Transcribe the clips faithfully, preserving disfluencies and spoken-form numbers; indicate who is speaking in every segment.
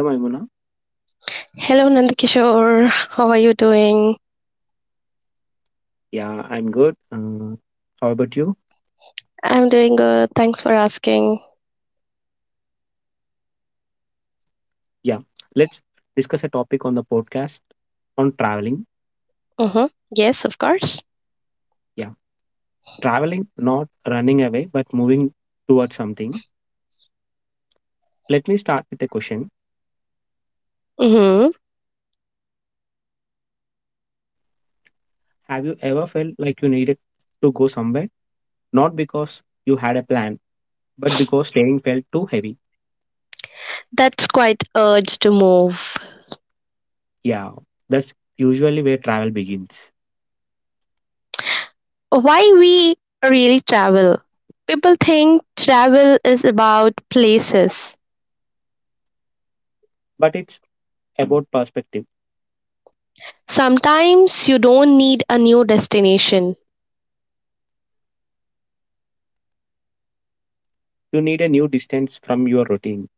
Speaker 1: Hello, Maimuna.
Speaker 2: Hello, Nandakishore. How are you doing?
Speaker 1: Yeah, I'm good. Uh, how about you?
Speaker 2: I'm doing good. Thanks for asking.
Speaker 1: Yeah, let's discuss a topic on the podcast on traveling.
Speaker 2: Mm-hmm. Yes, of course.
Speaker 1: Yeah, traveling, not running away, but moving towards something. Let me start with a question.
Speaker 2: Mm-hmm.
Speaker 1: Have you ever felt like you needed to go somewhere? Not because you had a plan, but because staying felt too heavy.
Speaker 2: That's quite urge to move.
Speaker 1: Yeah, that's usually where travel begins.
Speaker 2: Why we really travel? People think travel is about places.
Speaker 1: But it's about perspective.
Speaker 2: Sometimes you don't need a new destination
Speaker 1: You need a new distance from your routine,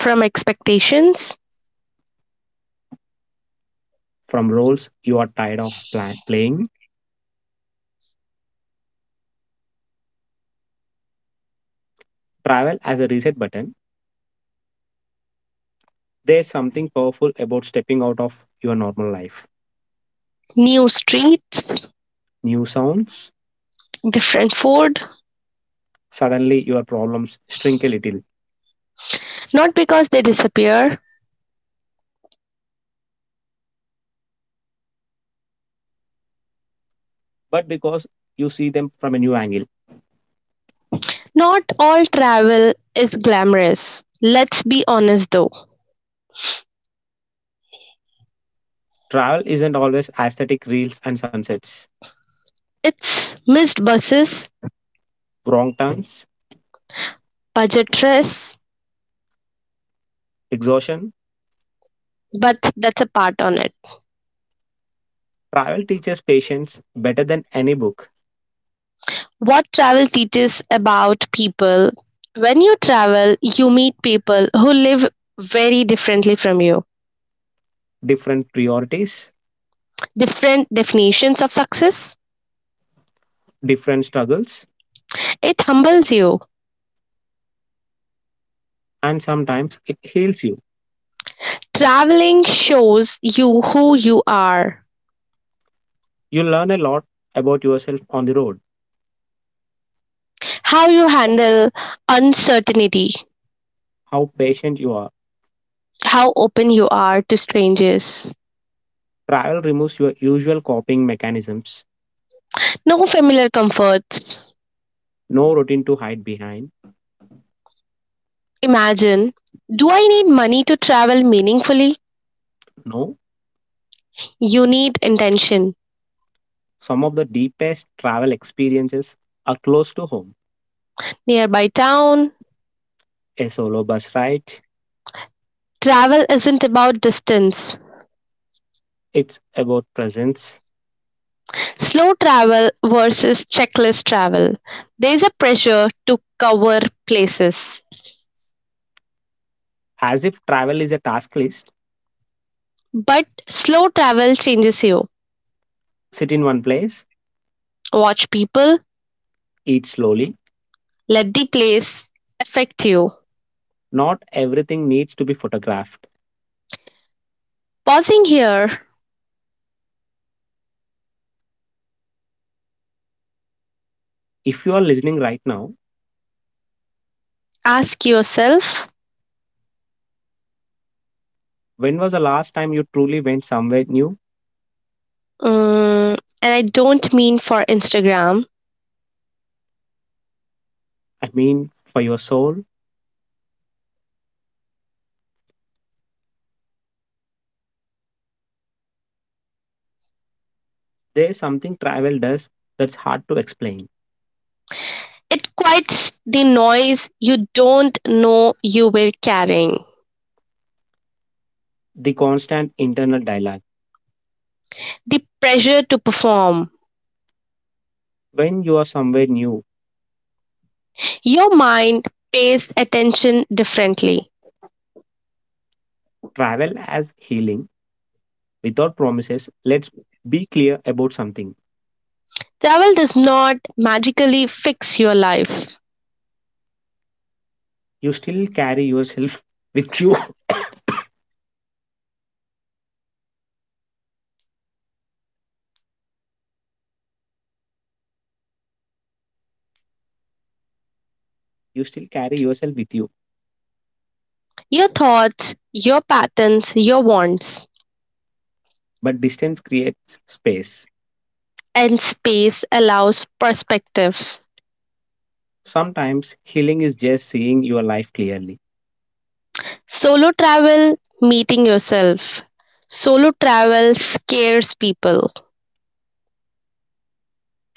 Speaker 2: from expectations,
Speaker 1: from roles you are tired of plan- playing travel as a reset button. There's something powerful about stepping out of your normal life.
Speaker 2: new streets,
Speaker 1: New sounds,
Speaker 2: different food,
Speaker 1: suddenly your problems shrink a little,
Speaker 2: not because they disappear.
Speaker 1: but because you see them from a new angle.
Speaker 2: Not all travel is glamorous. Let's be honest though.
Speaker 1: Travel isn't always aesthetic reels and sunsets.
Speaker 2: It's missed buses,
Speaker 1: Wrong turns,
Speaker 2: budget trains,
Speaker 1: exhaustion.
Speaker 2: but that's a part on it.
Speaker 1: Travel teaches patience better than any book.
Speaker 2: What travel teaches about people. When you travel, you meet people who live very differently from you,
Speaker 1: Different priorities,
Speaker 2: different definitions of success.
Speaker 1: different struggles,
Speaker 2: It humbles you.
Speaker 1: and sometimes it heals you.
Speaker 2: Traveling shows you who you are,
Speaker 1: You learn a lot about yourself on the road,
Speaker 2: how you handle uncertainty,
Speaker 1: how patient you are.
Speaker 2: how open you are to strangers.
Speaker 1: Travel removes your usual coping mechanisms,
Speaker 2: No familiar comforts,
Speaker 1: no routine to hide behind.
Speaker 2: imagine, do I need money to travel meaningfully?
Speaker 1: No,
Speaker 2: You need intention.
Speaker 1: some of the deepest travel experiences are close to home.
Speaker 2: Nearby town,
Speaker 1: A solo bus ride,
Speaker 2: travel isn't about distance.
Speaker 1: it's about presence.
Speaker 2: Slow travel versus checklist travel. There's a pressure to cover places.
Speaker 1: As if travel is a task list,
Speaker 2: But slow travel changes you.
Speaker 1: sit in one place,
Speaker 2: Watch people,
Speaker 1: eat slowly.
Speaker 2: let the place affect you.
Speaker 1: Not everything needs to be photographed.
Speaker 2: Pausing here,
Speaker 1: If you are listening right now,
Speaker 2: ask yourself,
Speaker 1: when was the last time you truly went somewhere new?
Speaker 2: mm, and I don't mean for Instagram.
Speaker 1: I mean, for your soul, there's something travel does that's hard to explain.
Speaker 2: It quiets the noise you don't know you were carrying,
Speaker 1: The constant internal dialogue.
Speaker 2: the pressure to perform.
Speaker 1: When you are somewhere new,
Speaker 2: Your mind pays attention differently.
Speaker 1: travel as healing without promises. Let's be clear about something.
Speaker 2: Travel does not magically fix your life.
Speaker 1: You still carry yourself with you. You still carry yourself with you,
Speaker 2: Your thoughts, your patterns, your wants,
Speaker 1: but distance creates space.
Speaker 2: and space allows perspectives.
Speaker 1: Sometimes healing is just seeing your life clearly,
Speaker 2: Solo travel, meeting yourself. Solo travel scares people.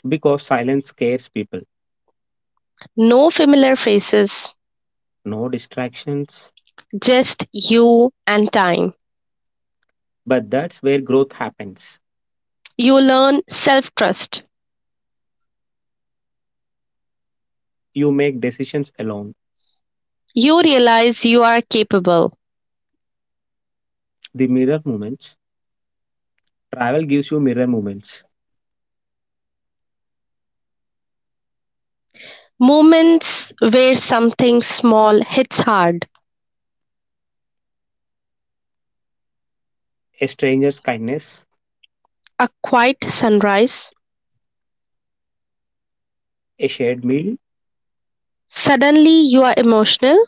Speaker 1: because silence scares people.
Speaker 2: No familiar faces,
Speaker 1: No distractions,
Speaker 2: just you and time.
Speaker 1: but that's where growth happens.
Speaker 2: You learn self-trust.
Speaker 1: You make decisions alone.
Speaker 2: You realize you are capable.
Speaker 1: The mirror moments. Travel gives you mirror moments.
Speaker 2: Moments where something small hits hard.
Speaker 1: A stranger's kindness,
Speaker 2: A quiet sunrise.
Speaker 1: a shared meal,
Speaker 2: Suddenly you are emotional.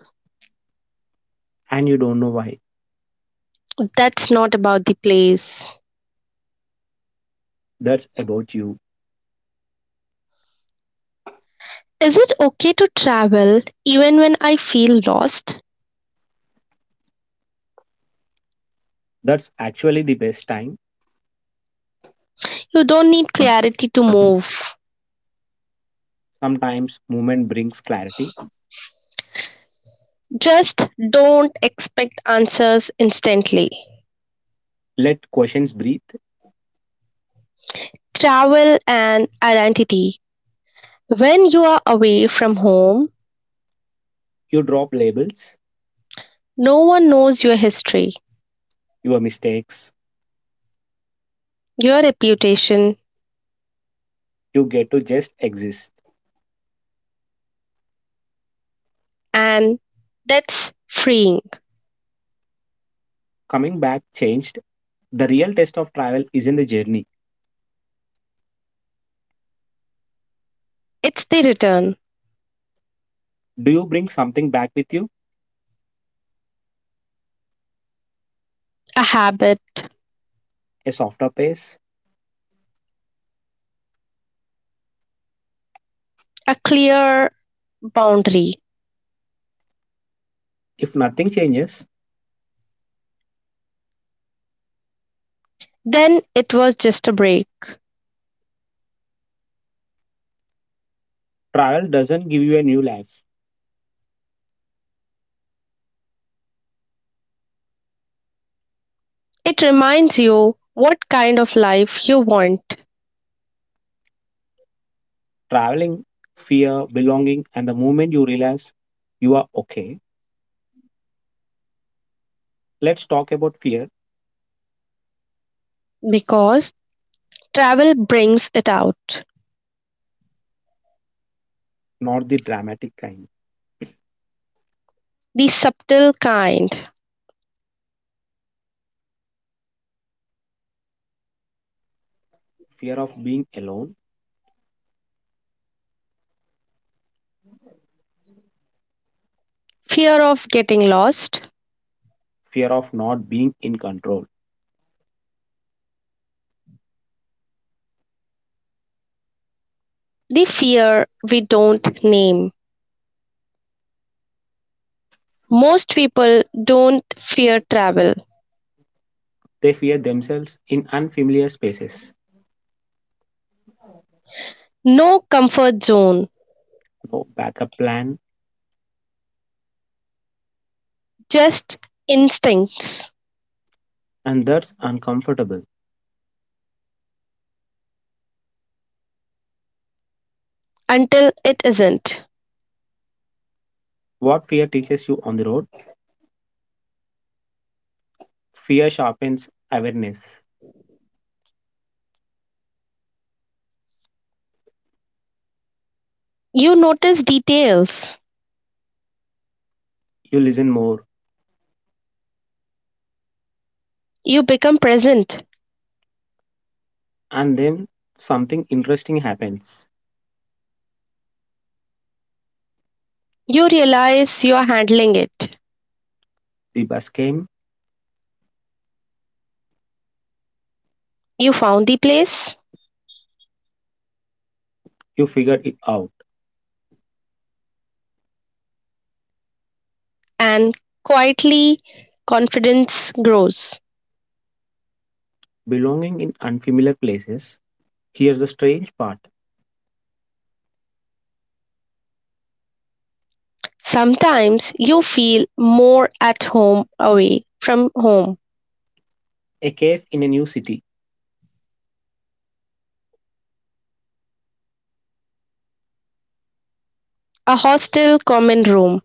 Speaker 1: and you don't know why.
Speaker 2: That's not about the place.
Speaker 1: That's about you.
Speaker 2: Is it okay to travel even when I feel lost?
Speaker 1: That's actually the best time.
Speaker 2: You don't need clarity to move.
Speaker 1: Sometimes movement brings clarity.
Speaker 2: Just don't expect answers instantly.
Speaker 1: Let questions breathe.
Speaker 2: Travel and identity. When you are away from home,
Speaker 1: You drop labels,
Speaker 2: no one knows your history,
Speaker 1: your mistakes.
Speaker 2: your reputation,
Speaker 1: You get to just exist.
Speaker 2: and that's freeing.
Speaker 1: Coming back changed. The real test of travel isn't the journey.
Speaker 2: It's the return,
Speaker 1: Do you bring something back with you?
Speaker 2: a habit,
Speaker 1: A softer pace?
Speaker 2: a clear boundary.
Speaker 1: If nothing changes,
Speaker 2: Then it was just a break.
Speaker 1: travel doesn't give you a new life.
Speaker 2: It reminds you what kind of life you want
Speaker 1: Traveling, fear, belonging, and the moment you realize you are okay. Let's talk about fear,
Speaker 2: because travel brings it out,
Speaker 1: not the dramatic kind.
Speaker 2: the subtle kind.
Speaker 1: Fear of being alone,
Speaker 2: Fear of getting lost,
Speaker 1: fear of not being in control.
Speaker 2: the fear we don't name. Most people don't fear travel,
Speaker 1: They fear themselves in unfamiliar spaces,
Speaker 2: no comfort zone,
Speaker 1: no backup plan,
Speaker 2: just instincts
Speaker 1: and that's uncomfortable.
Speaker 2: until it isn't.
Speaker 1: What fear teaches you on the road? Fear sharpens awareness.
Speaker 2: You notice details,
Speaker 1: You listen more,
Speaker 2: you become present,
Speaker 1: and then something interesting happens.
Speaker 2: you realize you are handling it.
Speaker 1: The bus came,
Speaker 2: You found the place,
Speaker 1: you figured it out.
Speaker 2: and quietly confidence grows.
Speaker 1: Belonging in unfamiliar places. Here's the strange part,
Speaker 2: Sometimes you feel more at home away from home,
Speaker 1: a cave in a new city,
Speaker 2: a hostel common room.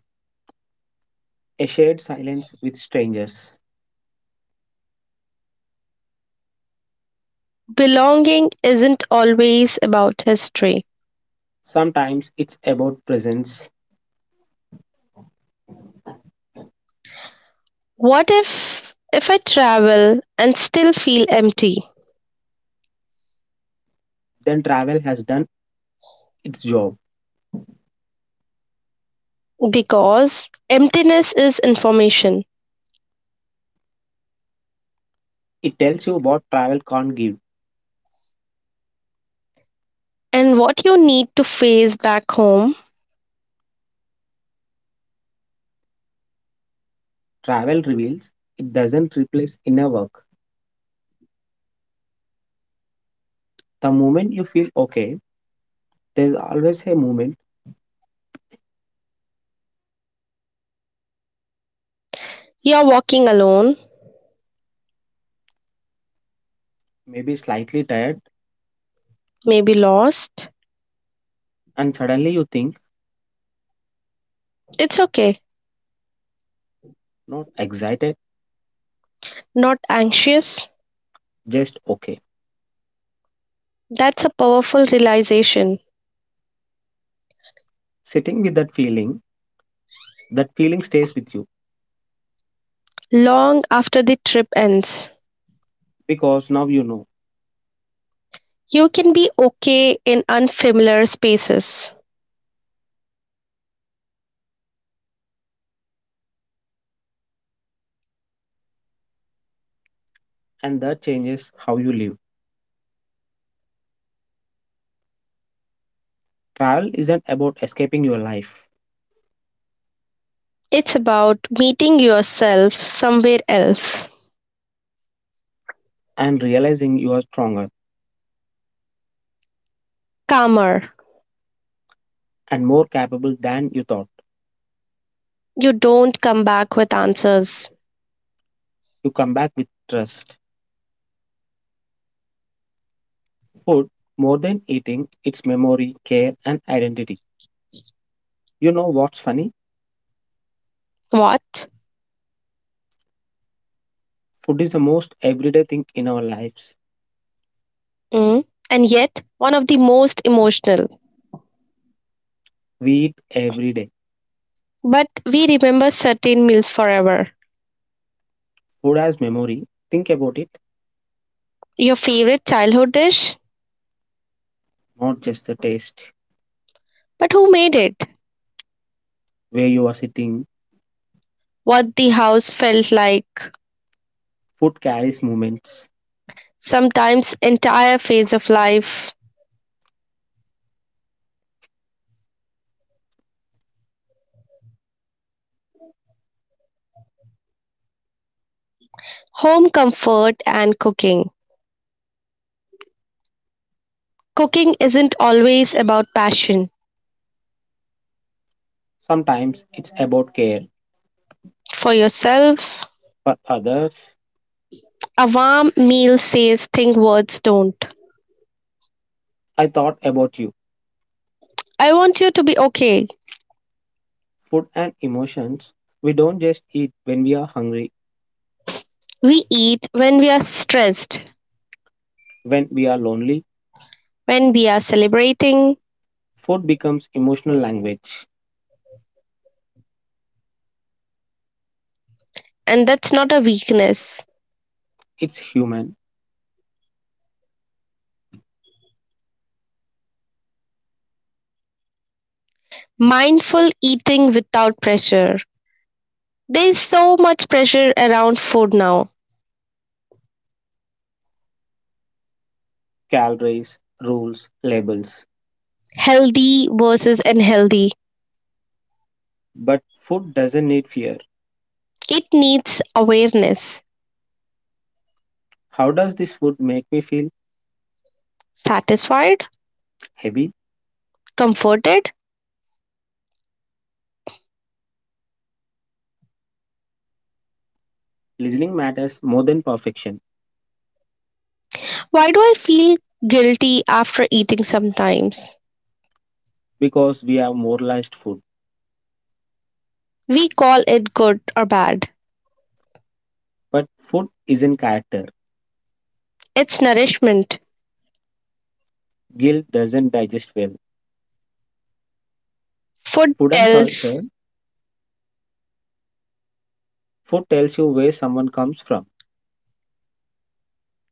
Speaker 1: a shared silence with strangers.
Speaker 2: Belonging isn't always about history.
Speaker 1: Sometimes it's about presence,
Speaker 2: What if if I travel and still feel empty?
Speaker 1: then travel has done its job.
Speaker 2: Because emptiness is information.
Speaker 1: It tells you what travel can't give.
Speaker 2: And what you need to face back home,
Speaker 1: Travel reveals, it doesn't replace inner work. The moment you feel okay, there's always a moment,
Speaker 2: you're walking alone,
Speaker 1: maybe slightly tired,
Speaker 2: maybe lost.
Speaker 1: and suddenly you think,
Speaker 2: It's okay,
Speaker 1: not excited,
Speaker 2: not anxious.
Speaker 1: just okay.
Speaker 2: That's a powerful realization
Speaker 1: Sitting with that feeling, that feeling stays with you
Speaker 2: long after the trip ends.
Speaker 1: because now you know,
Speaker 2: You can be okay in unfamiliar spaces.
Speaker 1: and that changes how you live. Travel isn't about escaping your life,
Speaker 2: It's about meeting yourself somewhere else,
Speaker 1: and realizing you are stronger
Speaker 2: calmer.
Speaker 1: and more capable than you thought.
Speaker 2: You don't come back with answers.
Speaker 1: You come back with trust. Food, more than eating, it's memory, care, and identity. You know what's funny?
Speaker 2: What?
Speaker 1: Food is the most everyday thing in our lives.
Speaker 2: Mm. And yet, one of the most emotional.
Speaker 1: We eat every day.
Speaker 2: But we remember certain meals forever.
Speaker 1: Food has memory. Think about it,
Speaker 2: Your favorite childhood dish?
Speaker 1: not just the taste.
Speaker 2: But who made it?
Speaker 1: Where you are sitting,
Speaker 2: What the house felt like?
Speaker 1: food carries moments.
Speaker 2: Sometimes, entire phase of life. Home comfort and cooking. Cooking isn't always about passion.
Speaker 1: Sometimes it's about care.
Speaker 2: For yourself,
Speaker 1: For others,
Speaker 2: a warm meal says things words don't.
Speaker 1: I thought about you.
Speaker 2: I want you to be okay.
Speaker 1: Food and emotions. We don't just eat when we are hungry,
Speaker 2: We eat when we are stressed,
Speaker 1: when we are lonely.
Speaker 2: when we are celebrating,
Speaker 1: Food becomes emotional language.
Speaker 2: and that's not a weakness.
Speaker 1: It's human.
Speaker 2: Mindful eating without pressure. There is so much pressure around food now.
Speaker 1: Calories, rules, labels.
Speaker 2: Healthy versus unhealthy.
Speaker 1: But food doesn't need fear.
Speaker 2: It needs awareness.
Speaker 1: How does this food make me feel?
Speaker 2: Satisfied?
Speaker 1: Heavy.
Speaker 2: Comforted?
Speaker 1: Listening matters more than perfection,
Speaker 2: Why do I feel guilty after eating sometimes?
Speaker 1: because we have moralized food.
Speaker 2: We call it good or bad.
Speaker 1: But food isn't character.
Speaker 2: It's nourishment.
Speaker 1: Guilt doesn't digest well.
Speaker 2: Food
Speaker 1: Food and culture,
Speaker 2: tells
Speaker 1: food tells you where someone comes from,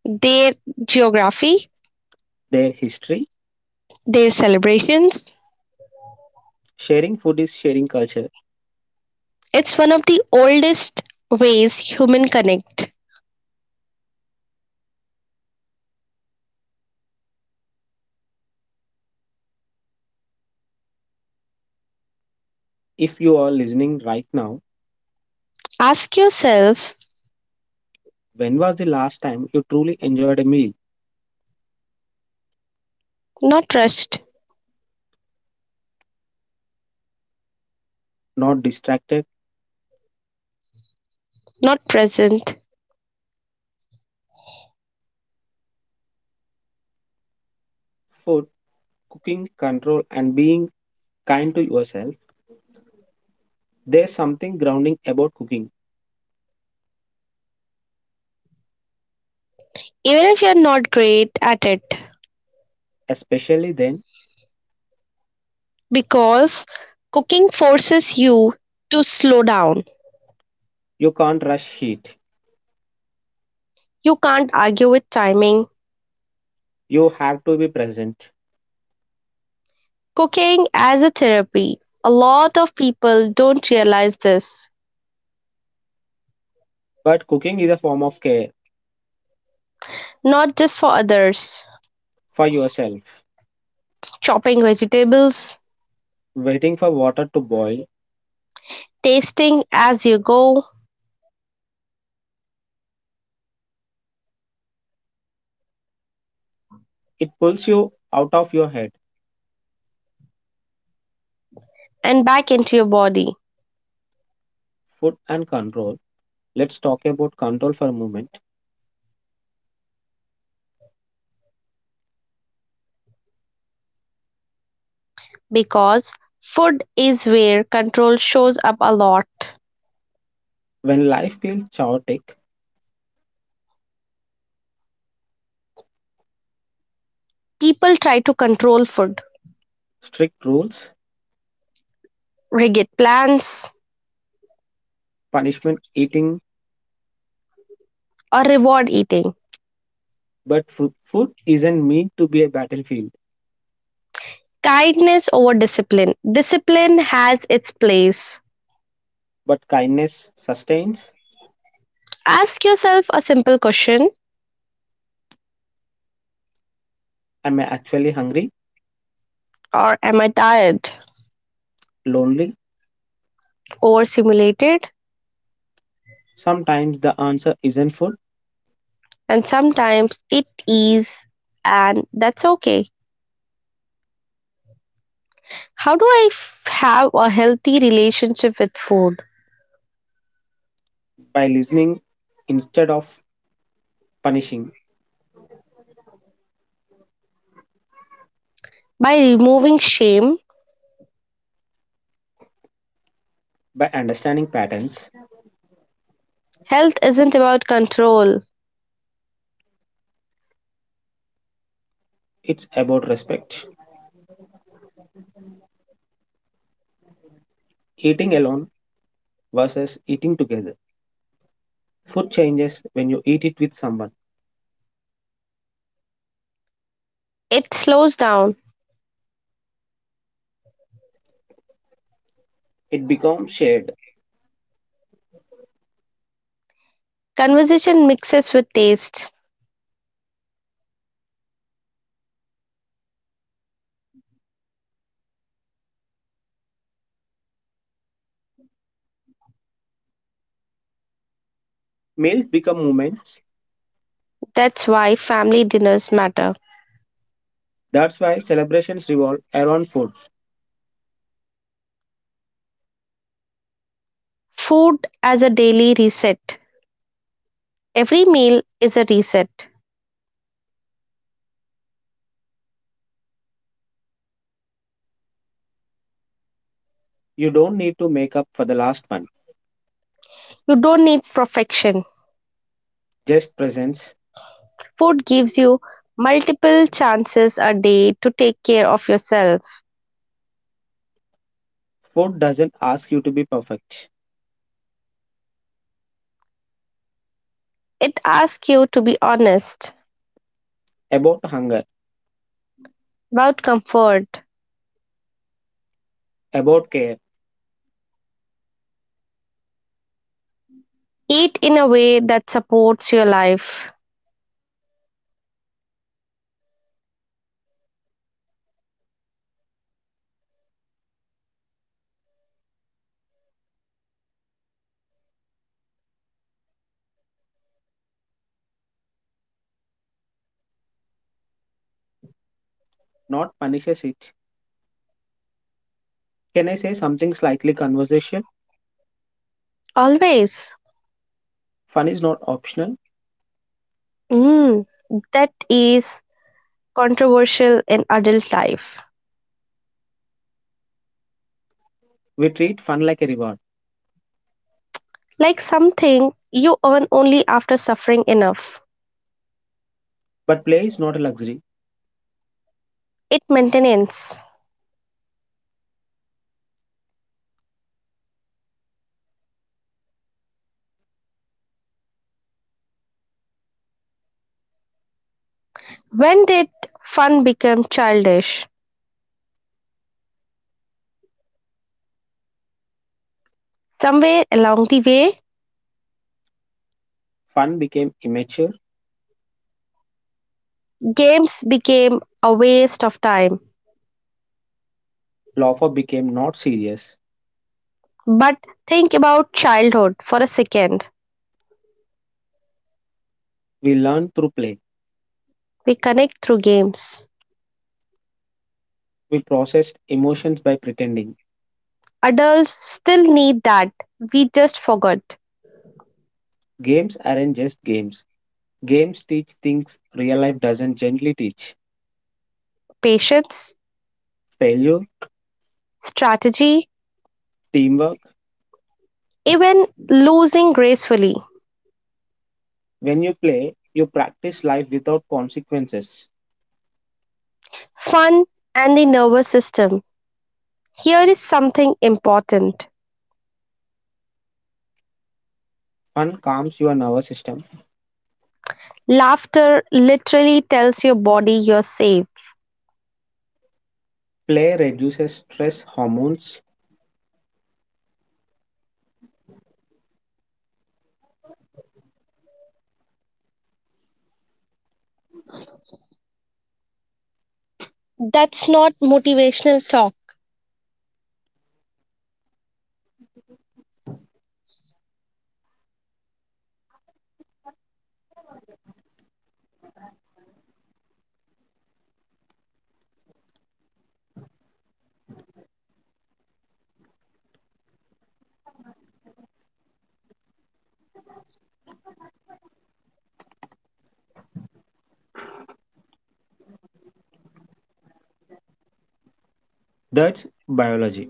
Speaker 2: their geography,
Speaker 1: their history.
Speaker 2: their celebrations.
Speaker 1: Sharing food is sharing culture.
Speaker 2: It's one of the oldest ways human connect.
Speaker 1: If you are listening right now,
Speaker 2: Ask yourself,
Speaker 1: when was the last time you truly enjoyed a meal?
Speaker 2: not rushed,
Speaker 1: Not distracted,
Speaker 2: not present,
Speaker 1: food, cooking, control, and being kind to yourself. There's something grounding about cooking,
Speaker 2: even if you're not great at it,
Speaker 1: especially then
Speaker 2: because cooking forces you to slow down.
Speaker 1: you can't rush heat.
Speaker 2: You can't argue with timing.
Speaker 1: You have to be present.
Speaker 2: Cooking as a therapy. A lot of people don't realize this,
Speaker 1: But cooking is a form of care
Speaker 2: not just for others.
Speaker 1: for yourself.
Speaker 2: Chopping vegetables,
Speaker 1: Waiting for water to boil,
Speaker 2: tasting as you go,
Speaker 1: it pulls you out of your head.
Speaker 2: and back into your body,
Speaker 1: Food and control. Let's talk about control for a moment.
Speaker 2: because food is where control shows up a lot.
Speaker 1: When life feels chaotic,
Speaker 2: People try to control food,
Speaker 1: strict rules,
Speaker 2: rigid plans,
Speaker 1: punishment, eating,
Speaker 2: or reward eating.
Speaker 1: but food, food isn't meant to be a battlefield.
Speaker 2: Kindness over discipline. Discipline has its place.
Speaker 1: But kindness sustains.
Speaker 2: Ask yourself a simple question,
Speaker 1: Am I actually hungry?
Speaker 2: or am I tired,
Speaker 1: Lonely?
Speaker 2: overstimulated?
Speaker 1: Sometimes the answer isn't food.
Speaker 2: And sometimes it is, and that's okay. How do I f- have a healthy relationship with food?
Speaker 1: By listening instead of punishing,
Speaker 2: By removing shame,
Speaker 1: by understanding patterns,
Speaker 2: health isn't about control,
Speaker 1: it's about respect. Eating alone versus eating together. Food changes when you eat it with someone.
Speaker 2: it slows down.
Speaker 1: It becomes shared.
Speaker 2: Conversation mixes with taste.
Speaker 1: Meals become moments.
Speaker 2: That's why family dinners matter.
Speaker 1: That's why celebrations revolve around food.
Speaker 2: Food as a daily reset. Every meal is a reset.
Speaker 1: You don't need to make up for the last one.
Speaker 2: You don't need perfection.
Speaker 1: Just presence.
Speaker 2: Food gives you multiple chances a day to take care of yourself.
Speaker 1: Food doesn't ask you to be perfect.
Speaker 2: It asks you to be honest
Speaker 1: About hunger,
Speaker 2: about comfort.
Speaker 1: about care,
Speaker 2: Eat in a way that supports your life.
Speaker 1: not punishes it. Can I say something slightly conversational?
Speaker 2: Always.
Speaker 1: Fun is not optional.
Speaker 2: Mm, that is controversial in adult life.
Speaker 1: We treat fun like a reward.
Speaker 2: Like something you earn only after suffering enough.
Speaker 1: But play is not a luxury.
Speaker 2: It maintains. When did fun become childish? Somewhere along the way,
Speaker 1: Fun became immature.
Speaker 2: games became a waste of time.
Speaker 1: Laughter became not serious.
Speaker 2: But think about childhood for a second.
Speaker 1: We learn through play.
Speaker 2: We connect through games.
Speaker 1: We process emotions by pretending.
Speaker 2: Adults still need that. We just forgot
Speaker 1: Games aren't just games. Games teach things real life doesn't gently teach.
Speaker 2: patience,
Speaker 1: Failure,
Speaker 2: strategy,
Speaker 1: teamwork.
Speaker 2: even losing gracefully,
Speaker 1: When you play, you practice life without consequences.
Speaker 2: fun, and the nervous system. Here is something important,
Speaker 1: Fun calms your nervous system.
Speaker 2: laughter literally tells your body you're safe.
Speaker 1: Play reduces stress hormones.
Speaker 2: That's not motivational talk.
Speaker 1: That's biology.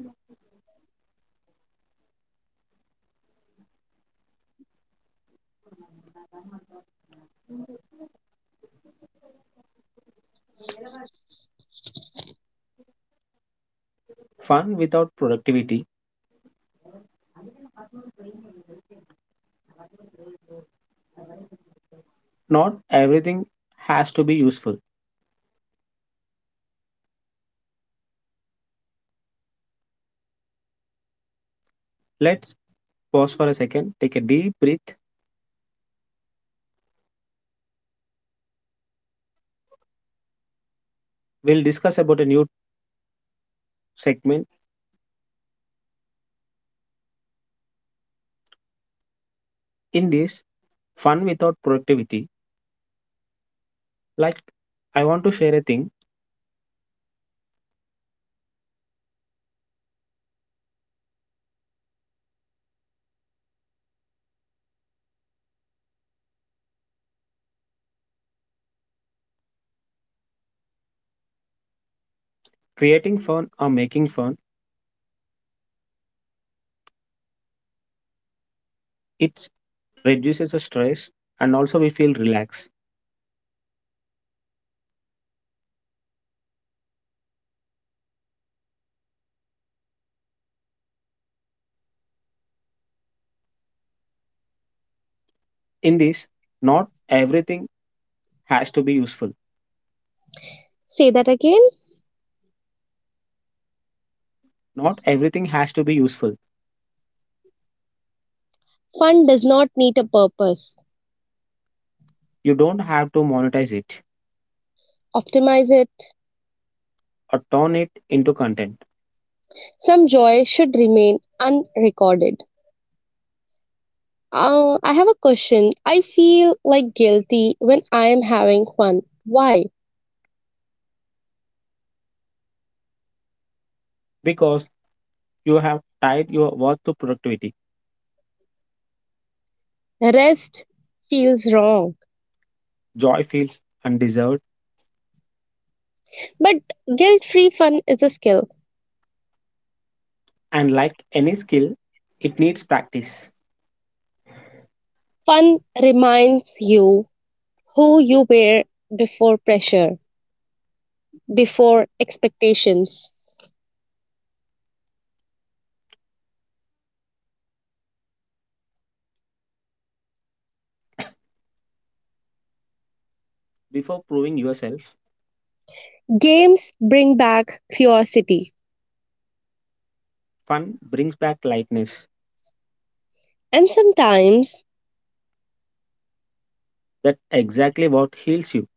Speaker 1: Fun without productivity. Not everything has to be useful. Let's pause for a second, take a deep breath. We'll discuss about a new segment. In this, fun without productivity, like, I want to share a thing, creating fun or making fun, it reduces the stress and also we feel relaxed. In this, not everything has to be useful.
Speaker 2: Say that again.
Speaker 1: Not everything has to be useful.
Speaker 2: Fun does not need a purpose.
Speaker 1: You don't have to monetize it
Speaker 2: Optimize it.
Speaker 1: or turn it into content
Speaker 2: Some joy should remain unrecorded. Uh, I have a question. I feel like guilty when I am having fun. Why?
Speaker 1: because you have tied your worth to productivity.
Speaker 2: Rest feels wrong.
Speaker 1: Joy feels undeserved,
Speaker 2: But guilt free fun is a skill.
Speaker 1: and like any skill, it needs practice.
Speaker 2: Fun reminds you who you were before pressure, before expectations.
Speaker 1: Before proving yourself,
Speaker 2: Games bring back curiosity.
Speaker 1: fun brings back lightness.
Speaker 2: And sometimes
Speaker 1: That's exactly what heals you.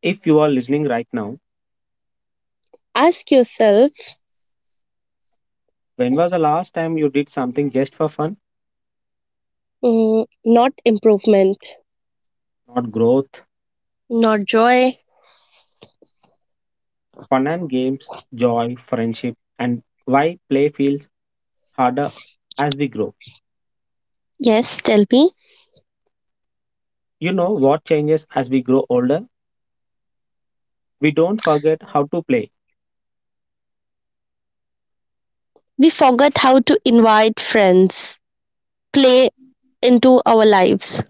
Speaker 1: If you are listening right now,
Speaker 2: ask yourself,
Speaker 1: when was the last time you did something just for fun?
Speaker 2: mm, not improvement.
Speaker 1: Not growth,
Speaker 2: Not joy.
Speaker 1: fun and games, joy, friendship, and why play feels harder as we grow.
Speaker 2: Yes, tell me.
Speaker 1: You know what changes as we grow older? We don't forget how to play
Speaker 2: We forgot how to invite friends, play into our lives,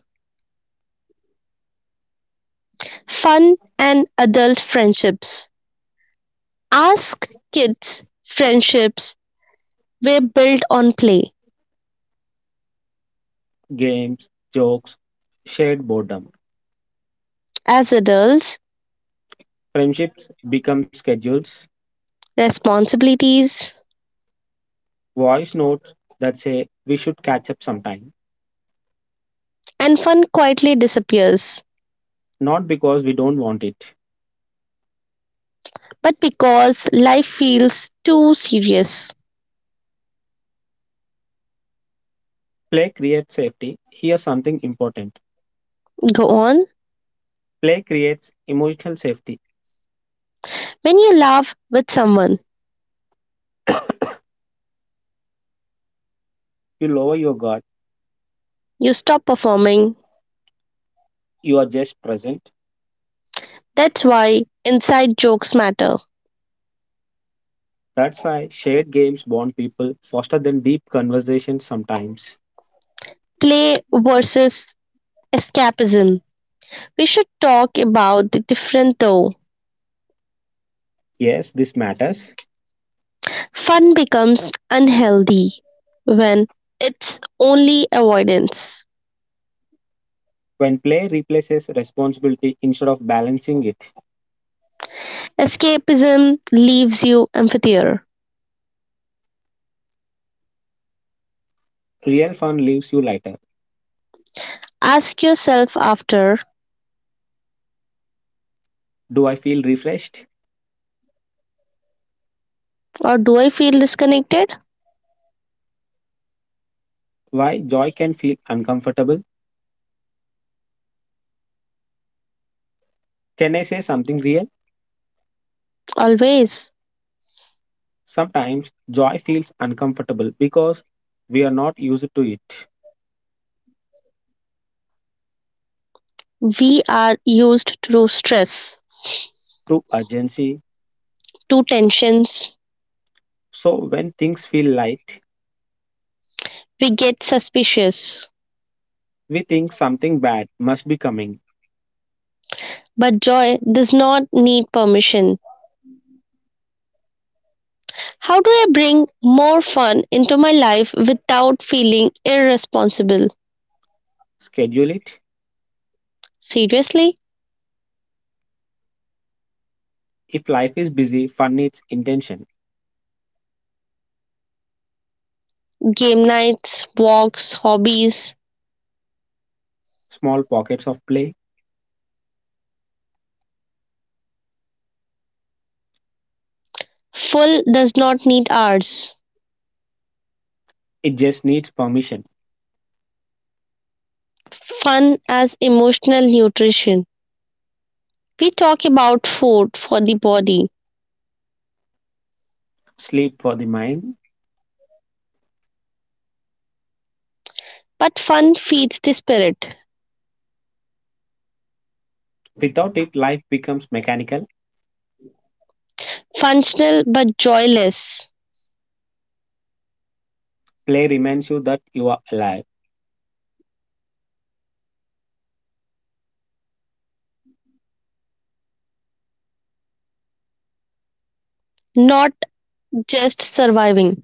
Speaker 2: fun and adult friendships. Ask kids, friendships were built on play.
Speaker 1: games, jokes, shared boredom.
Speaker 2: As adults,
Speaker 1: Friendships become schedules,
Speaker 2: responsibilities
Speaker 1: voice notes that say we should catch up sometime,
Speaker 2: and fun quietly disappears.
Speaker 1: not because we don't want it.
Speaker 2: But because life feels too serious,
Speaker 1: Play creates safety. Here's something important,
Speaker 2: go on.
Speaker 1: play creates emotional safety.
Speaker 2: When you laugh with someone,
Speaker 1: You lower your guard,
Speaker 2: you stop performing.
Speaker 1: you are just present.
Speaker 2: That's why inside jokes matter.
Speaker 1: That's why shared games bond people faster than deep conversations sometimes.
Speaker 2: Play versus escapism. We should talk about the difference, though.
Speaker 1: Yes, this matters.
Speaker 2: Fun becomes unhealthy when it's only avoidance.
Speaker 1: When play replaces responsibility instead of balancing it,
Speaker 2: Escapism leaves you emptier.
Speaker 1: real fun leaves you lighter.
Speaker 2: Ask yourself after,
Speaker 1: Do I feel refreshed?
Speaker 2: or do I feel disconnected?
Speaker 1: Why joy can feel uncomfortable? Can I say something real?
Speaker 2: Always.
Speaker 1: Sometimes joy feels uncomfortable because we are not used to it,
Speaker 2: We are used to stress,
Speaker 1: to urgency.
Speaker 2: to tensions.
Speaker 1: So when things feel light,
Speaker 2: We get suspicious.
Speaker 1: we think something bad must be coming.
Speaker 2: But joy does not need permission. How do I bring more fun into my life without feeling irresponsible?
Speaker 1: Schedule it.
Speaker 2: Seriously,
Speaker 1: If life is busy, fun needs intention.
Speaker 2: game nights, walks, hobbies.
Speaker 1: Small pockets of play.
Speaker 2: Full does not need hours.
Speaker 1: It just needs permission.
Speaker 2: Fun as emotional nutrition. We talk about food for the body,
Speaker 1: Sleep for the mind.
Speaker 2: but fun feeds the spirit.
Speaker 1: Without it, life becomes mechanical.
Speaker 2: Functional but joyless,
Speaker 1: Play reminds you that you are alive.
Speaker 2: not just surviving.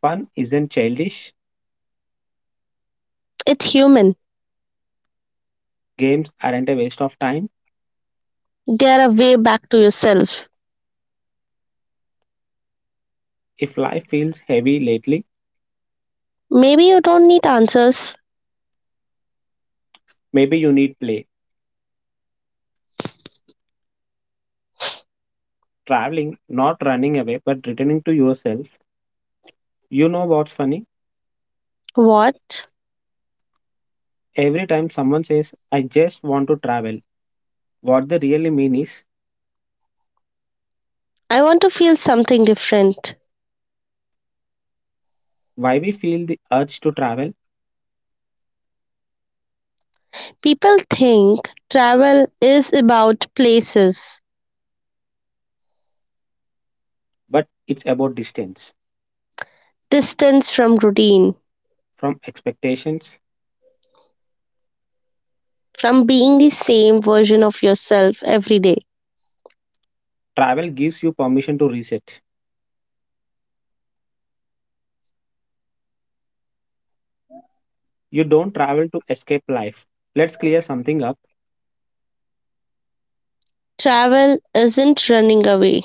Speaker 1: Fun isn't childish.
Speaker 2: It's human.
Speaker 1: Games aren't a waste of time.
Speaker 2: There are way back to yourself.
Speaker 1: If life feels heavy lately,
Speaker 2: Maybe you don't need answers.
Speaker 1: maybe you need play. Traveling, not running away, but returning to yourself. You know what's funny?
Speaker 2: What?
Speaker 1: Every time someone says, I just want to travel, what they really mean is
Speaker 2: I want to feel something different.
Speaker 1: why we feel the urge to travel,
Speaker 2: People think travel is about places,
Speaker 1: but it's about distance
Speaker 2: distance from routine,
Speaker 1: from expectations.
Speaker 2: from being the same version of yourself every day.
Speaker 1: Travel gives you permission to reset. You don't travel to escape life. Let's clear something up.
Speaker 2: Travel isn't running away.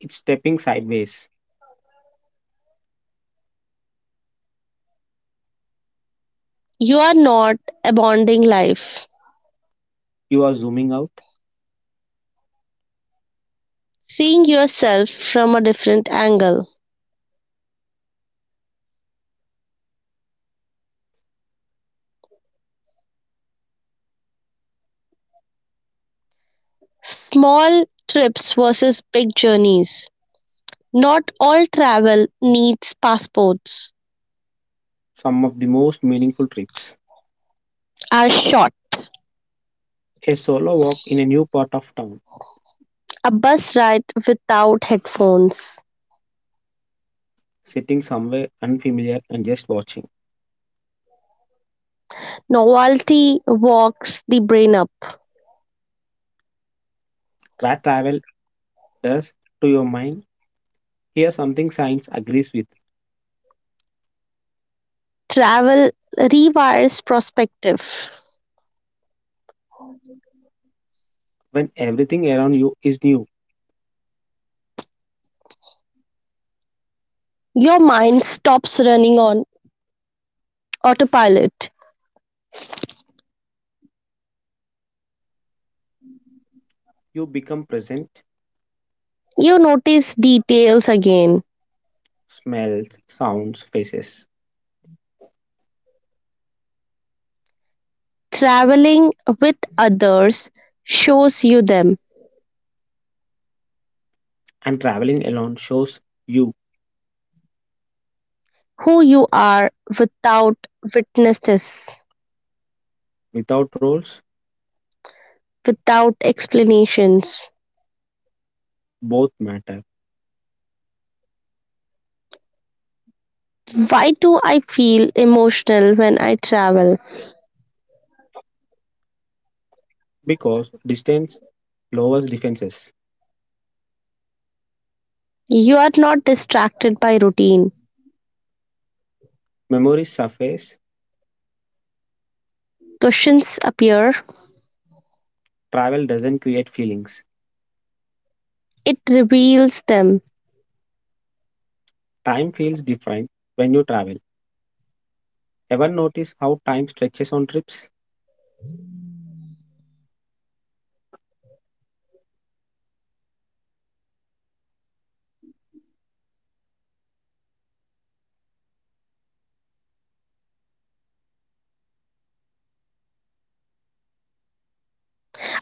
Speaker 1: It's stepping sideways.
Speaker 2: You are not abandoning life,
Speaker 1: You are zooming out.
Speaker 2: seeing yourself from a different angle. Small trips versus big journeys. Not all travel needs passports,
Speaker 1: Some of the most meaningful trips.
Speaker 2: are short.
Speaker 1: A solo walk in a new part of town,
Speaker 2: A bus ride without headphones.
Speaker 1: sitting somewhere unfamiliar and just watching.
Speaker 2: Novelty walks the brain up.
Speaker 1: What travel does to your mind? Here, something science agrees with.
Speaker 2: Travel rewires perspective.
Speaker 1: When everything around you is new,
Speaker 2: Your mind stops running on autopilot.
Speaker 1: you become present,
Speaker 2: You notice details again.
Speaker 1: smells, sounds, faces.
Speaker 2: Traveling with others shows you them,
Speaker 1: And traveling alone shows you
Speaker 2: who you are without witnesses,
Speaker 1: without roles,
Speaker 2: without explanations.
Speaker 1: both matter
Speaker 2: Why do I feel emotional when I travel?
Speaker 1: because distance lowers defenses.
Speaker 2: You are not distracted by routine.
Speaker 1: Memories surface,
Speaker 2: Questions appear,
Speaker 1: travel doesn't create feelings.
Speaker 2: it reveals them.
Speaker 1: Time feels different when you travel. Ever notice how time stretches on trips?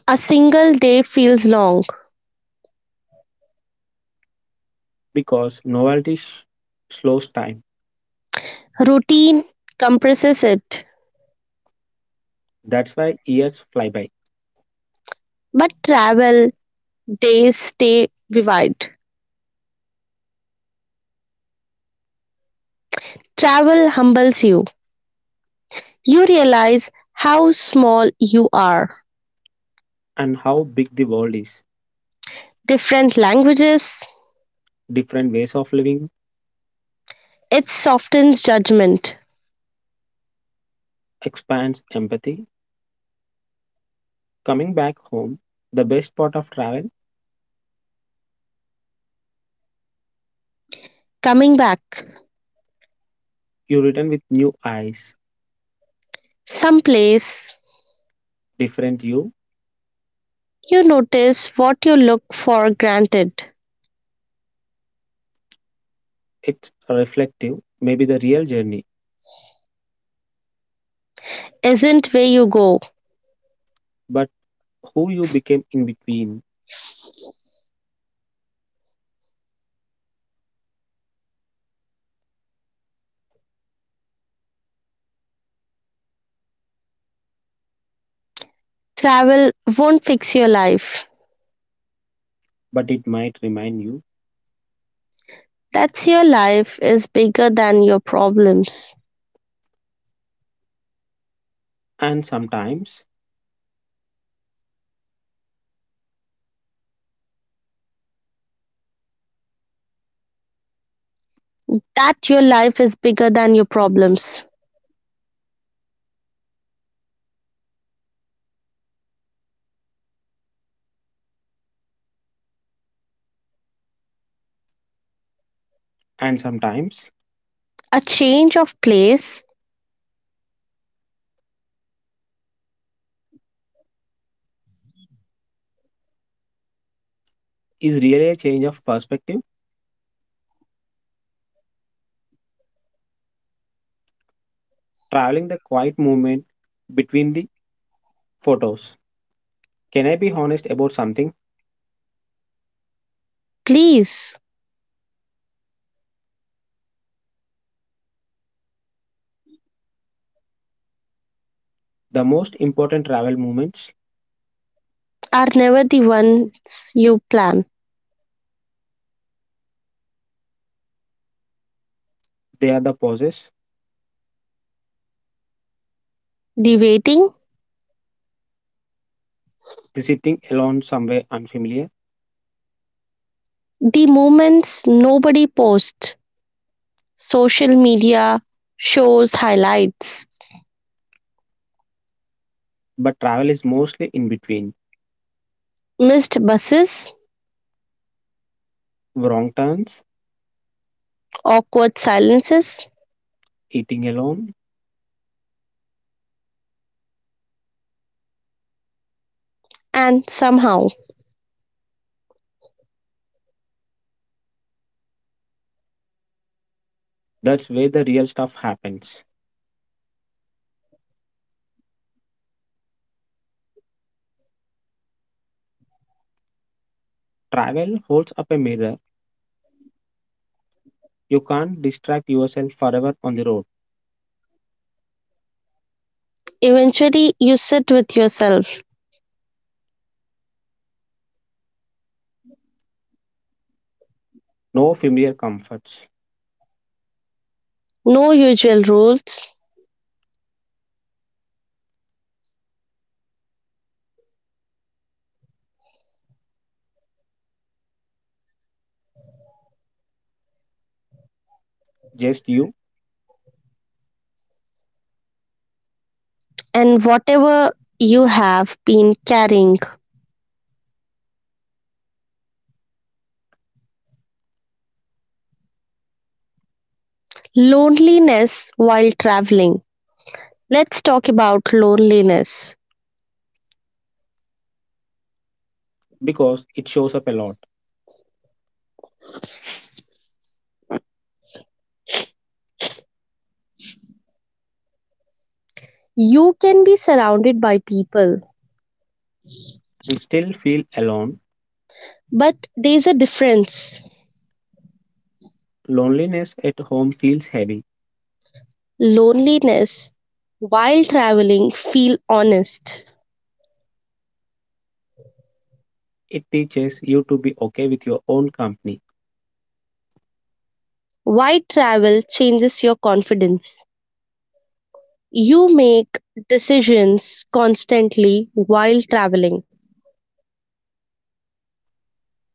Speaker 2: A single day feels long.
Speaker 1: Because novelty sh- slows time.
Speaker 2: Routine compresses it,
Speaker 1: That's why years fly by.
Speaker 2: but travel days stay vivid. Travel humbles you. You realize how small you are.
Speaker 1: And how big the world is.
Speaker 2: Different languages,
Speaker 1: Different ways of living
Speaker 2: it softens judgment.
Speaker 1: expands empathy. Coming back home, the best part of travel,
Speaker 2: Coming back,
Speaker 1: you return with new eyes,
Speaker 2: someplace,
Speaker 1: different you,
Speaker 2: you notice what you look for granted
Speaker 1: it's reflective, maybe the real journey,
Speaker 2: isn't where you go.
Speaker 1: but who you became in between.
Speaker 2: Travel won't fix your life.
Speaker 1: But it might remind you,
Speaker 2: That's your life is bigger than your problems.
Speaker 1: and sometimes,
Speaker 2: That your life is bigger than your problems.
Speaker 1: and sometimes,
Speaker 2: A change of place,
Speaker 1: is really a change of perspective, traveling the quiet movement between the photos. Can I be honest about something?
Speaker 2: please,
Speaker 1: The most important travel moments,
Speaker 2: are never the ones you plan.
Speaker 1: they are the pauses,
Speaker 2: The waiting,
Speaker 1: the sitting alone somewhere unfamiliar,
Speaker 2: the moments nobody posts, social media shows highlights.
Speaker 1: but travel is mostly in between.
Speaker 2: Missed buses,
Speaker 1: Wrong turns,
Speaker 2: awkward silences,
Speaker 1: eating alone,
Speaker 2: and somehow,
Speaker 1: that's where the real stuff happens. Travel holds up a mirror, you can't distract yourself forever on the road.
Speaker 2: eventually, you sit with yourself.
Speaker 1: No familiar comforts,
Speaker 2: No usual rules,
Speaker 1: just you,
Speaker 2: and whatever you have been carrying. Loneliness while traveling. Let's talk about loneliness.
Speaker 1: because it shows up a lot.
Speaker 2: You can be surrounded by people,
Speaker 1: And still feel alone.
Speaker 2: but there's a difference.
Speaker 1: Loneliness at home feels heavy.
Speaker 2: Loneliness while traveling feel honest.
Speaker 1: It teaches you to be okay with your own company,
Speaker 2: Why travel changes your confidence. You make decisions constantly while traveling,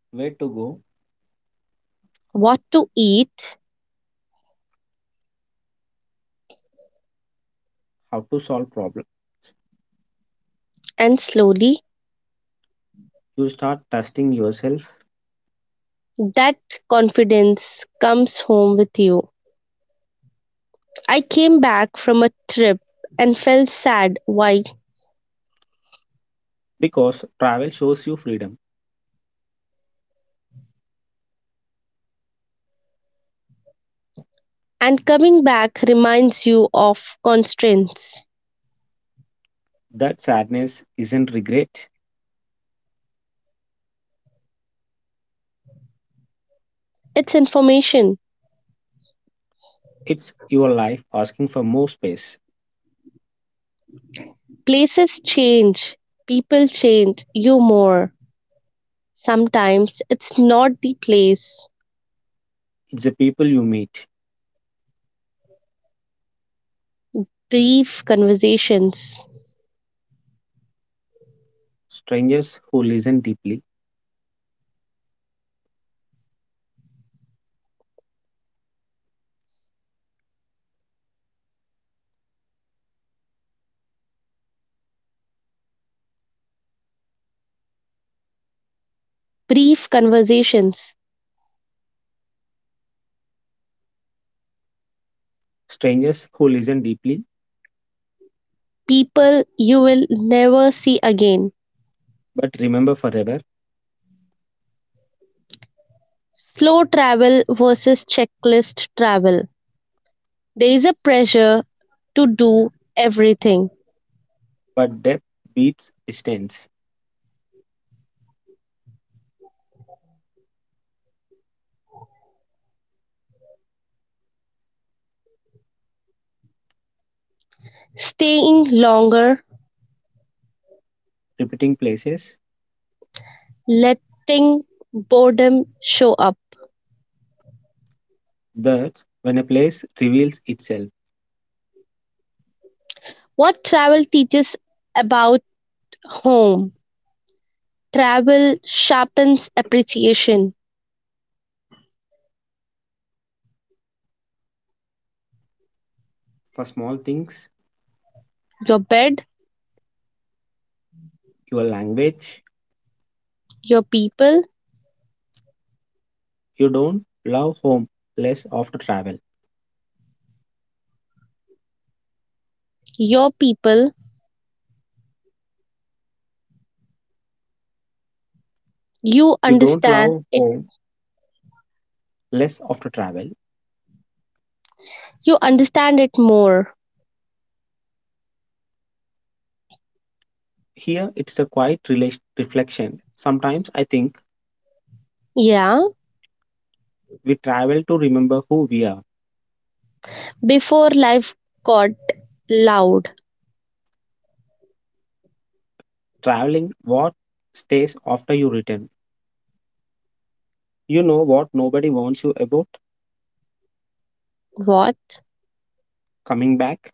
Speaker 1: where to go,
Speaker 2: what to eat,
Speaker 1: how to solve problems.
Speaker 2: and slowly
Speaker 1: You start trusting yourself
Speaker 2: that confidence comes home with you. I came back from a trip and felt sad. Why?
Speaker 1: because travel shows you freedom.
Speaker 2: And coming back reminds you of constraints.
Speaker 1: That sadness isn't regret,
Speaker 2: It's information.
Speaker 1: it's your life asking for more space.
Speaker 2: Places change, people change you more. Sometimes it's not the place.
Speaker 1: It's the people you meet,
Speaker 2: Brief conversations.
Speaker 1: strangers who listen deeply,
Speaker 2: Brief conversations,
Speaker 1: strangers who listen deeply
Speaker 2: people you will never see again.
Speaker 1: but remember forever.
Speaker 2: Slow travel versus checklist travel. There is a pressure to do everything,
Speaker 1: But depth beats distance.
Speaker 2: staying longer,
Speaker 1: Repeating places.
Speaker 2: letting boredom show up.
Speaker 1: That when a place reveals itself
Speaker 2: What travel teaches about home? Travel sharpens appreciation.
Speaker 1: for small things,
Speaker 2: Your bed,
Speaker 1: your language,
Speaker 2: your people,
Speaker 1: you don't love home less after travel.
Speaker 2: your people, you
Speaker 1: You don't
Speaker 2: understand
Speaker 1: love
Speaker 2: it,
Speaker 1: home less after travel.
Speaker 2: you understand it more.
Speaker 1: Here it's a quiet relation, reflection. Sometimes I think
Speaker 2: Yeah.
Speaker 1: we travel to remember who we are.
Speaker 2: Before life got loud.
Speaker 1: Traveling what stays after you return. You know what nobody warns you about
Speaker 2: What?
Speaker 1: coming back.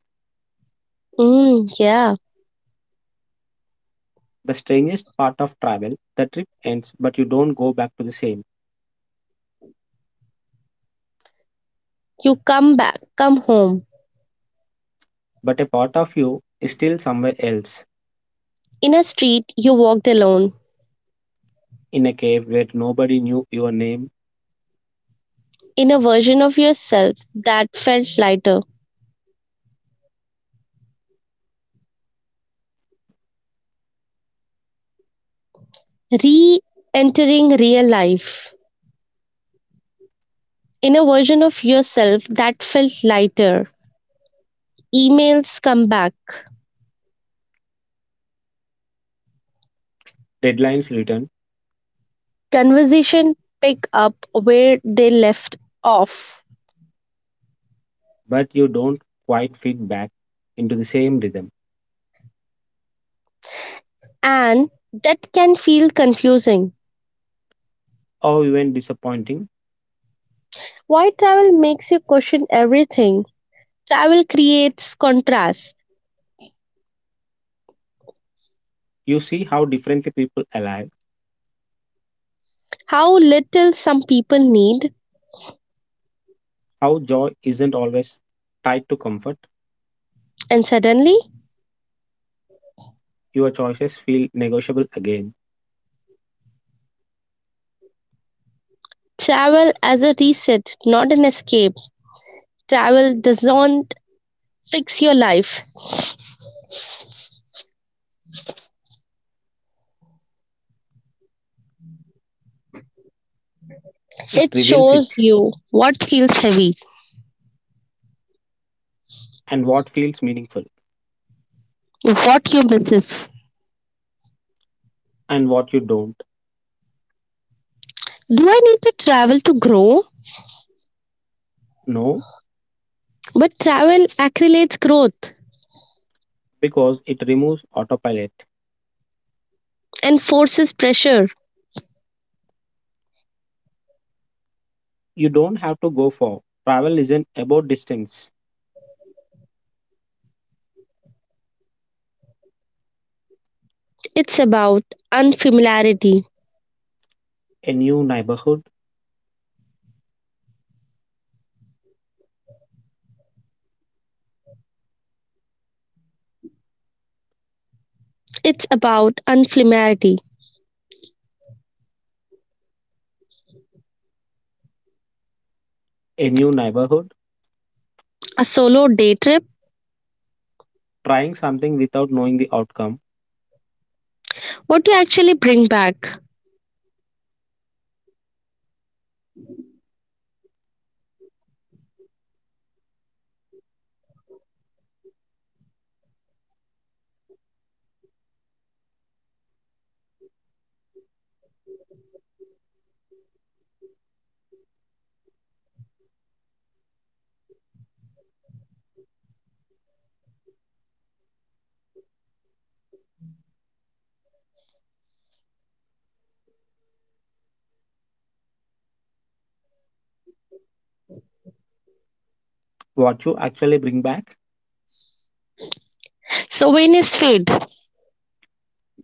Speaker 2: Mm, yeah.
Speaker 1: The strangest part of travel, the trip ends but you don't go back to the same.
Speaker 2: You come back, come home.
Speaker 1: But a part of you is still somewhere else,
Speaker 2: In a street, you walked alone,
Speaker 1: in a cave where nobody knew your name,
Speaker 2: in a version of yourself that felt lighter. Re entering real life, in a version of yourself that felt lighter. Emails come back.
Speaker 1: deadlines written,
Speaker 2: Conversation pick up where they left off.
Speaker 1: but you don't quite fit back into the same rhythm.
Speaker 2: And that can feel confusing.
Speaker 1: Or even disappointing,
Speaker 2: Why travel makes you question everything? Travel creates contrast:
Speaker 1: you see how differently people alive,
Speaker 2: how little some people need,
Speaker 1: how joy isn't always tied to comfort.
Speaker 2: and suddenly,
Speaker 1: Your choices feel negotiable again.
Speaker 2: travel as a reset, not an escape. Travel doesn't fix your life,
Speaker 1: It
Speaker 2: it
Speaker 1: reveals it,
Speaker 2: shows you what feels heavy,
Speaker 1: and what feels meaningful
Speaker 2: what you misses.
Speaker 1: and what you don't
Speaker 2: Do I need to travel to grow?
Speaker 1: know,
Speaker 2: But travel accelerates growth
Speaker 1: because it removes autopilot.
Speaker 2: and forces pressure.
Speaker 1: You don't have to go far. Travel isn't about distance.
Speaker 2: It's about unfamiliarity.
Speaker 1: A new neighborhood,
Speaker 2: It's about unfamiliarity.
Speaker 1: a new neighborhood,
Speaker 2: A solo day trip,
Speaker 1: trying something without knowing the outcome,
Speaker 2: what do you actually bring back.
Speaker 1: what you actually bring back.
Speaker 2: Souvenirs fade,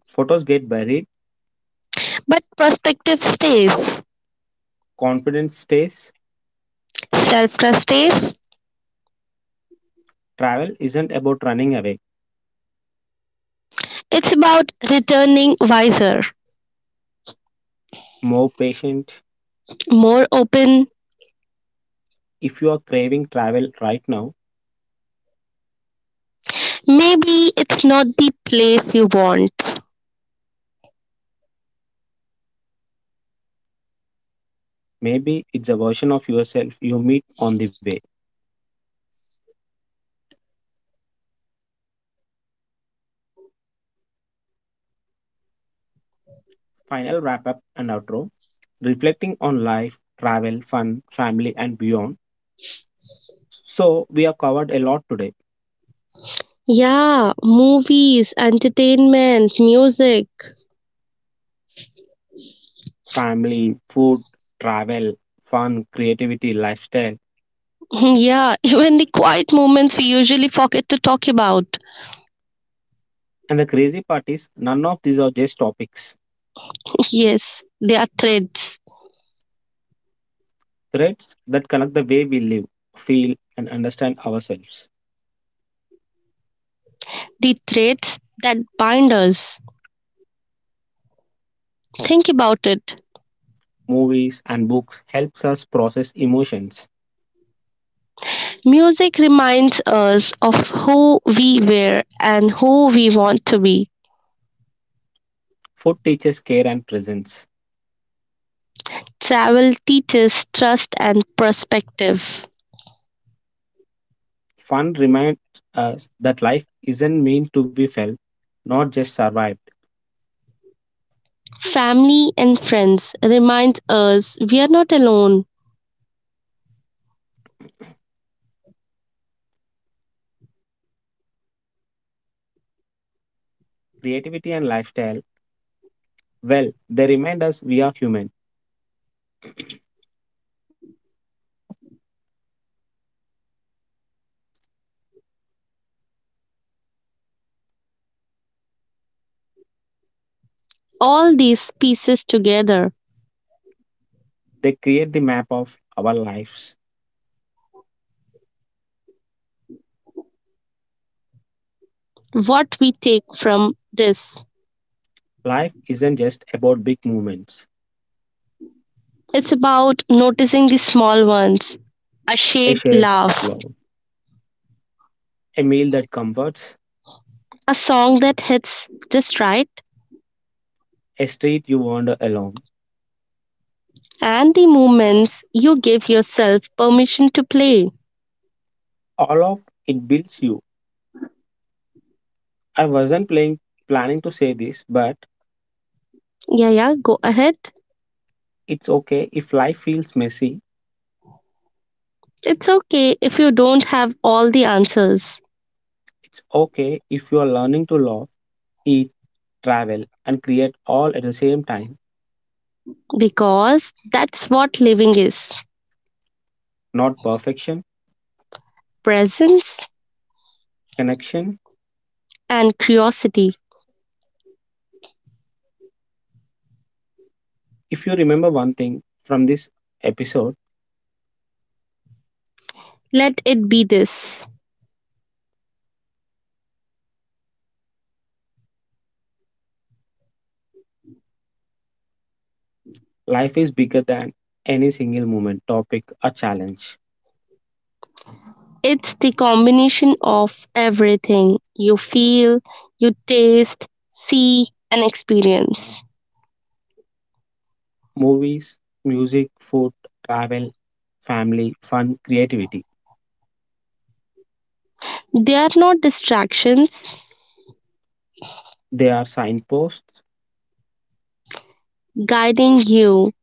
Speaker 1: Photos get buried,
Speaker 2: but perspective stays,
Speaker 1: confidence stays.
Speaker 2: self trust stays.
Speaker 1: Travel isn't about running away.
Speaker 2: It's about returning wiser,
Speaker 1: More patient.
Speaker 2: more open.
Speaker 1: If you are craving travel right now,
Speaker 2: Maybe it's not the place you want.
Speaker 1: maybe it's a version of yourself you meet on the way. Final wrap up and outro, reflecting on life, travel, fun, family, and beyond. So, we have covered a lot today:
Speaker 2: Yeah, movies, entertainment, music.
Speaker 1: family, food, travel, fun, creativity, lifestyle.
Speaker 2: Yeah, even the quiet moments we usually forget to talk about.
Speaker 1: And the crazy part is, none of these are just topics,
Speaker 2: Yes, they are threads.
Speaker 1: threads that connect the way we live, feel, and understand ourselves.
Speaker 2: The threads that bind us. Think about it.
Speaker 1: Movies and books helps us process emotions.
Speaker 2: Music reminds us of who we were and who we want to be.
Speaker 1: Food teaches care and presence.
Speaker 2: Travel teaches trust and perspective.
Speaker 1: Fun reminds us that life isn't meant to be felt, not just survived.
Speaker 2: Family and friends remind us we are not alone.
Speaker 1: Creativity and lifestyle, well, they remind us we are human.
Speaker 2: All these pieces together,
Speaker 1: They create the map of our lives.
Speaker 2: what we take from this.
Speaker 1: Life isn't just about big moments,
Speaker 2: It's about noticing the small ones, a
Speaker 1: a
Speaker 2: shared
Speaker 1: shared
Speaker 2: laugh,
Speaker 1: love, a meal that comforts,
Speaker 2: a song that hits just right,
Speaker 1: a street you wander along.
Speaker 2: and the moments you give yourself permission to play.
Speaker 1: All of it builds you. I wasn't playing, planning to say this, but
Speaker 2: Yeah, yeah, go ahead.
Speaker 1: it's okay if life feels messy.
Speaker 2: It's okay if you don't have all the answers,
Speaker 1: It's okay if you are learning to love, eat, travel, and create all at the same time.
Speaker 2: because that's what living is,
Speaker 1: Not perfection,
Speaker 2: presence
Speaker 1: connection.
Speaker 2: and curiosity.
Speaker 1: If you remember one thing from this episode,
Speaker 2: Let it be this.
Speaker 1: life is bigger than any single moment, topic, or challenge.
Speaker 2: It's the combination of everything you feel, you taste, see, and experience.
Speaker 1: Movies, music, food, travel, family, fun, creativity.
Speaker 2: They are not distractions,
Speaker 1: They are signposts.
Speaker 2: guiding you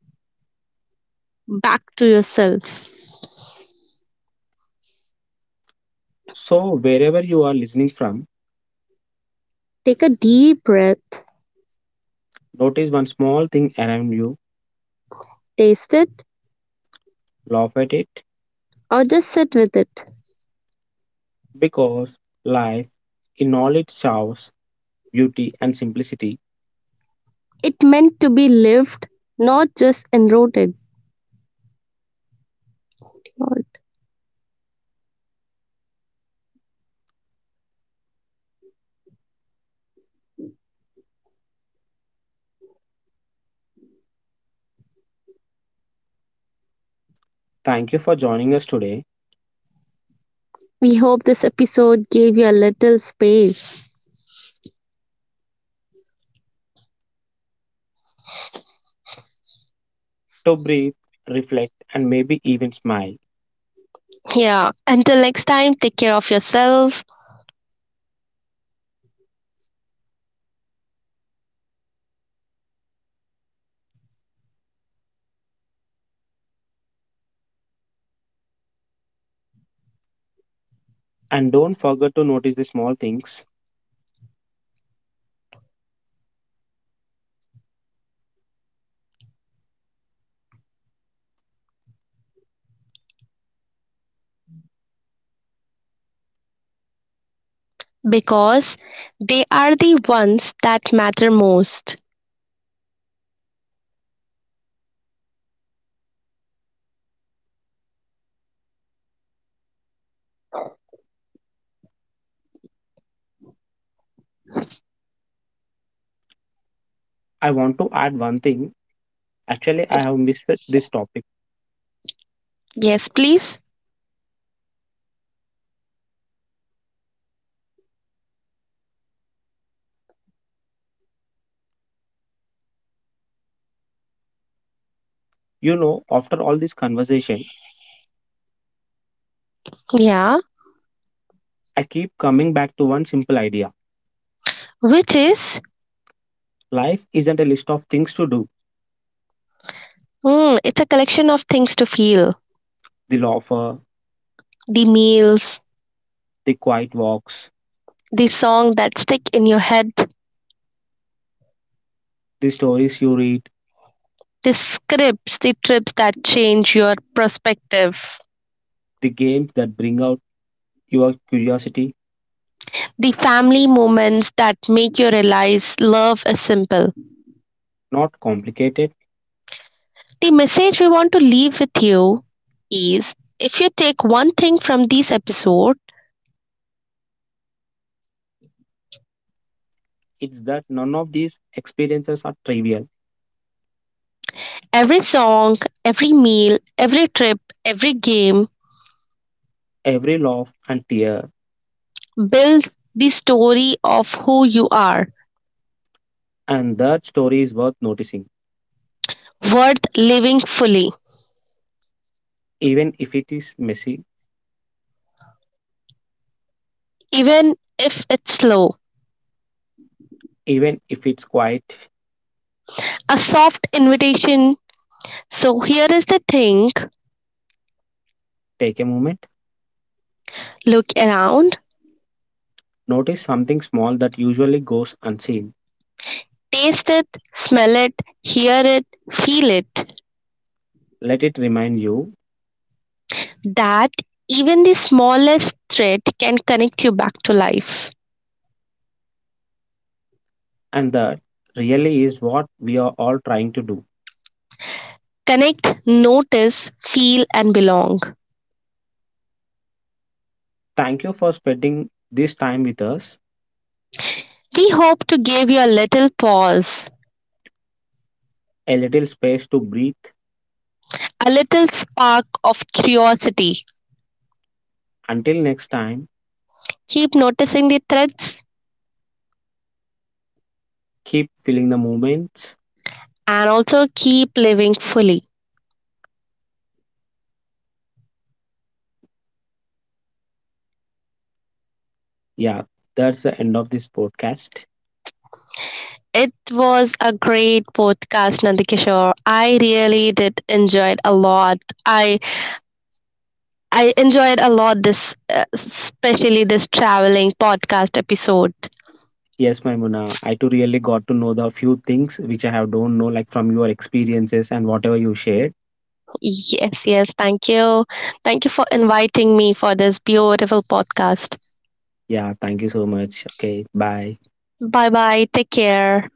Speaker 2: back to yourself.
Speaker 1: So, wherever you are listening from,
Speaker 2: Take a deep breath,
Speaker 1: notice one small thing around you,
Speaker 2: taste it,
Speaker 1: laugh at it,
Speaker 2: or just sit with it.
Speaker 1: because life, in all its chaos, beauty, and simplicity,
Speaker 2: It meant to be lived, not just enroted. Lord.
Speaker 1: thank you for joining us today,
Speaker 2: We hope this episode gave you a little space.
Speaker 1: to breathe, reflect, and maybe even smile.
Speaker 2: Yeah. Until next time, take care of yourself
Speaker 1: And don't forget to notice the small things.
Speaker 2: because they are the ones that matter most.
Speaker 1: I want to add one thing. Actually, I have missed this topic.
Speaker 2: Yes, please.
Speaker 1: You know, after all this conversation,
Speaker 2: Yeah.
Speaker 1: I keep coming back to one simple idea.
Speaker 2: Which is,
Speaker 1: Life isn't a list of things to do.
Speaker 2: mm, it's a collection of things to feel
Speaker 1: The laughter,
Speaker 2: the meals,
Speaker 1: the quiet walks,
Speaker 2: the song that stick in your head,
Speaker 1: the stories you read,
Speaker 2: the scripts, the trips that change your perspective.
Speaker 1: the games that bring out your curiosity.
Speaker 2: The family moments that make you realize love is simple.
Speaker 1: Not complicated.
Speaker 2: The message we want to leave with you is if you take one thing from this episode,
Speaker 1: It's that none of these experiences are trivial.
Speaker 2: every song, every meal, every trip, every game
Speaker 1: Every laugh and tear,
Speaker 2: builds the story of who you are,
Speaker 1: and that story is worth noticing.
Speaker 2: worth living fully,
Speaker 1: Even if it is messy,
Speaker 2: even if it's slow.
Speaker 1: even if it's quiet,
Speaker 2: A soft invitation. So, here is the thing,
Speaker 1: take a moment.
Speaker 2: look around,
Speaker 1: Notice something small that usually goes unseen.
Speaker 2: taste it, smell it, hear it, feel it.
Speaker 1: Let it remind you.
Speaker 2: That even the smallest thread can connect you back to life.
Speaker 1: And that really is what we are all trying to do.
Speaker 2: Connect, notice, feel, and belong.
Speaker 1: Thank you for spending this time with us.
Speaker 2: We hope to give you a little pause,
Speaker 1: A little space to breathe.
Speaker 2: a little spark of curiosity.
Speaker 1: Until next time,
Speaker 2: Keep noticing the threads
Speaker 1: keep feeling the moments.
Speaker 2: and also keep living fully.
Speaker 1: Yeah, that's the end of this podcast.
Speaker 2: It was a great podcast, Nandikishore. I really did enjoy it a lot. I I enjoyed a lot this, uh, especially this traveling podcast episode.
Speaker 1: Yes, Maimuna, I too really got to know the few things which I have don't know, like from your experiences and whatever you shared.
Speaker 2: Yes, yes. Thank you. Thank you for inviting me for this beautiful podcast.
Speaker 1: Yeah, thank you so much. Okay, bye.
Speaker 2: Bye bye. Take care.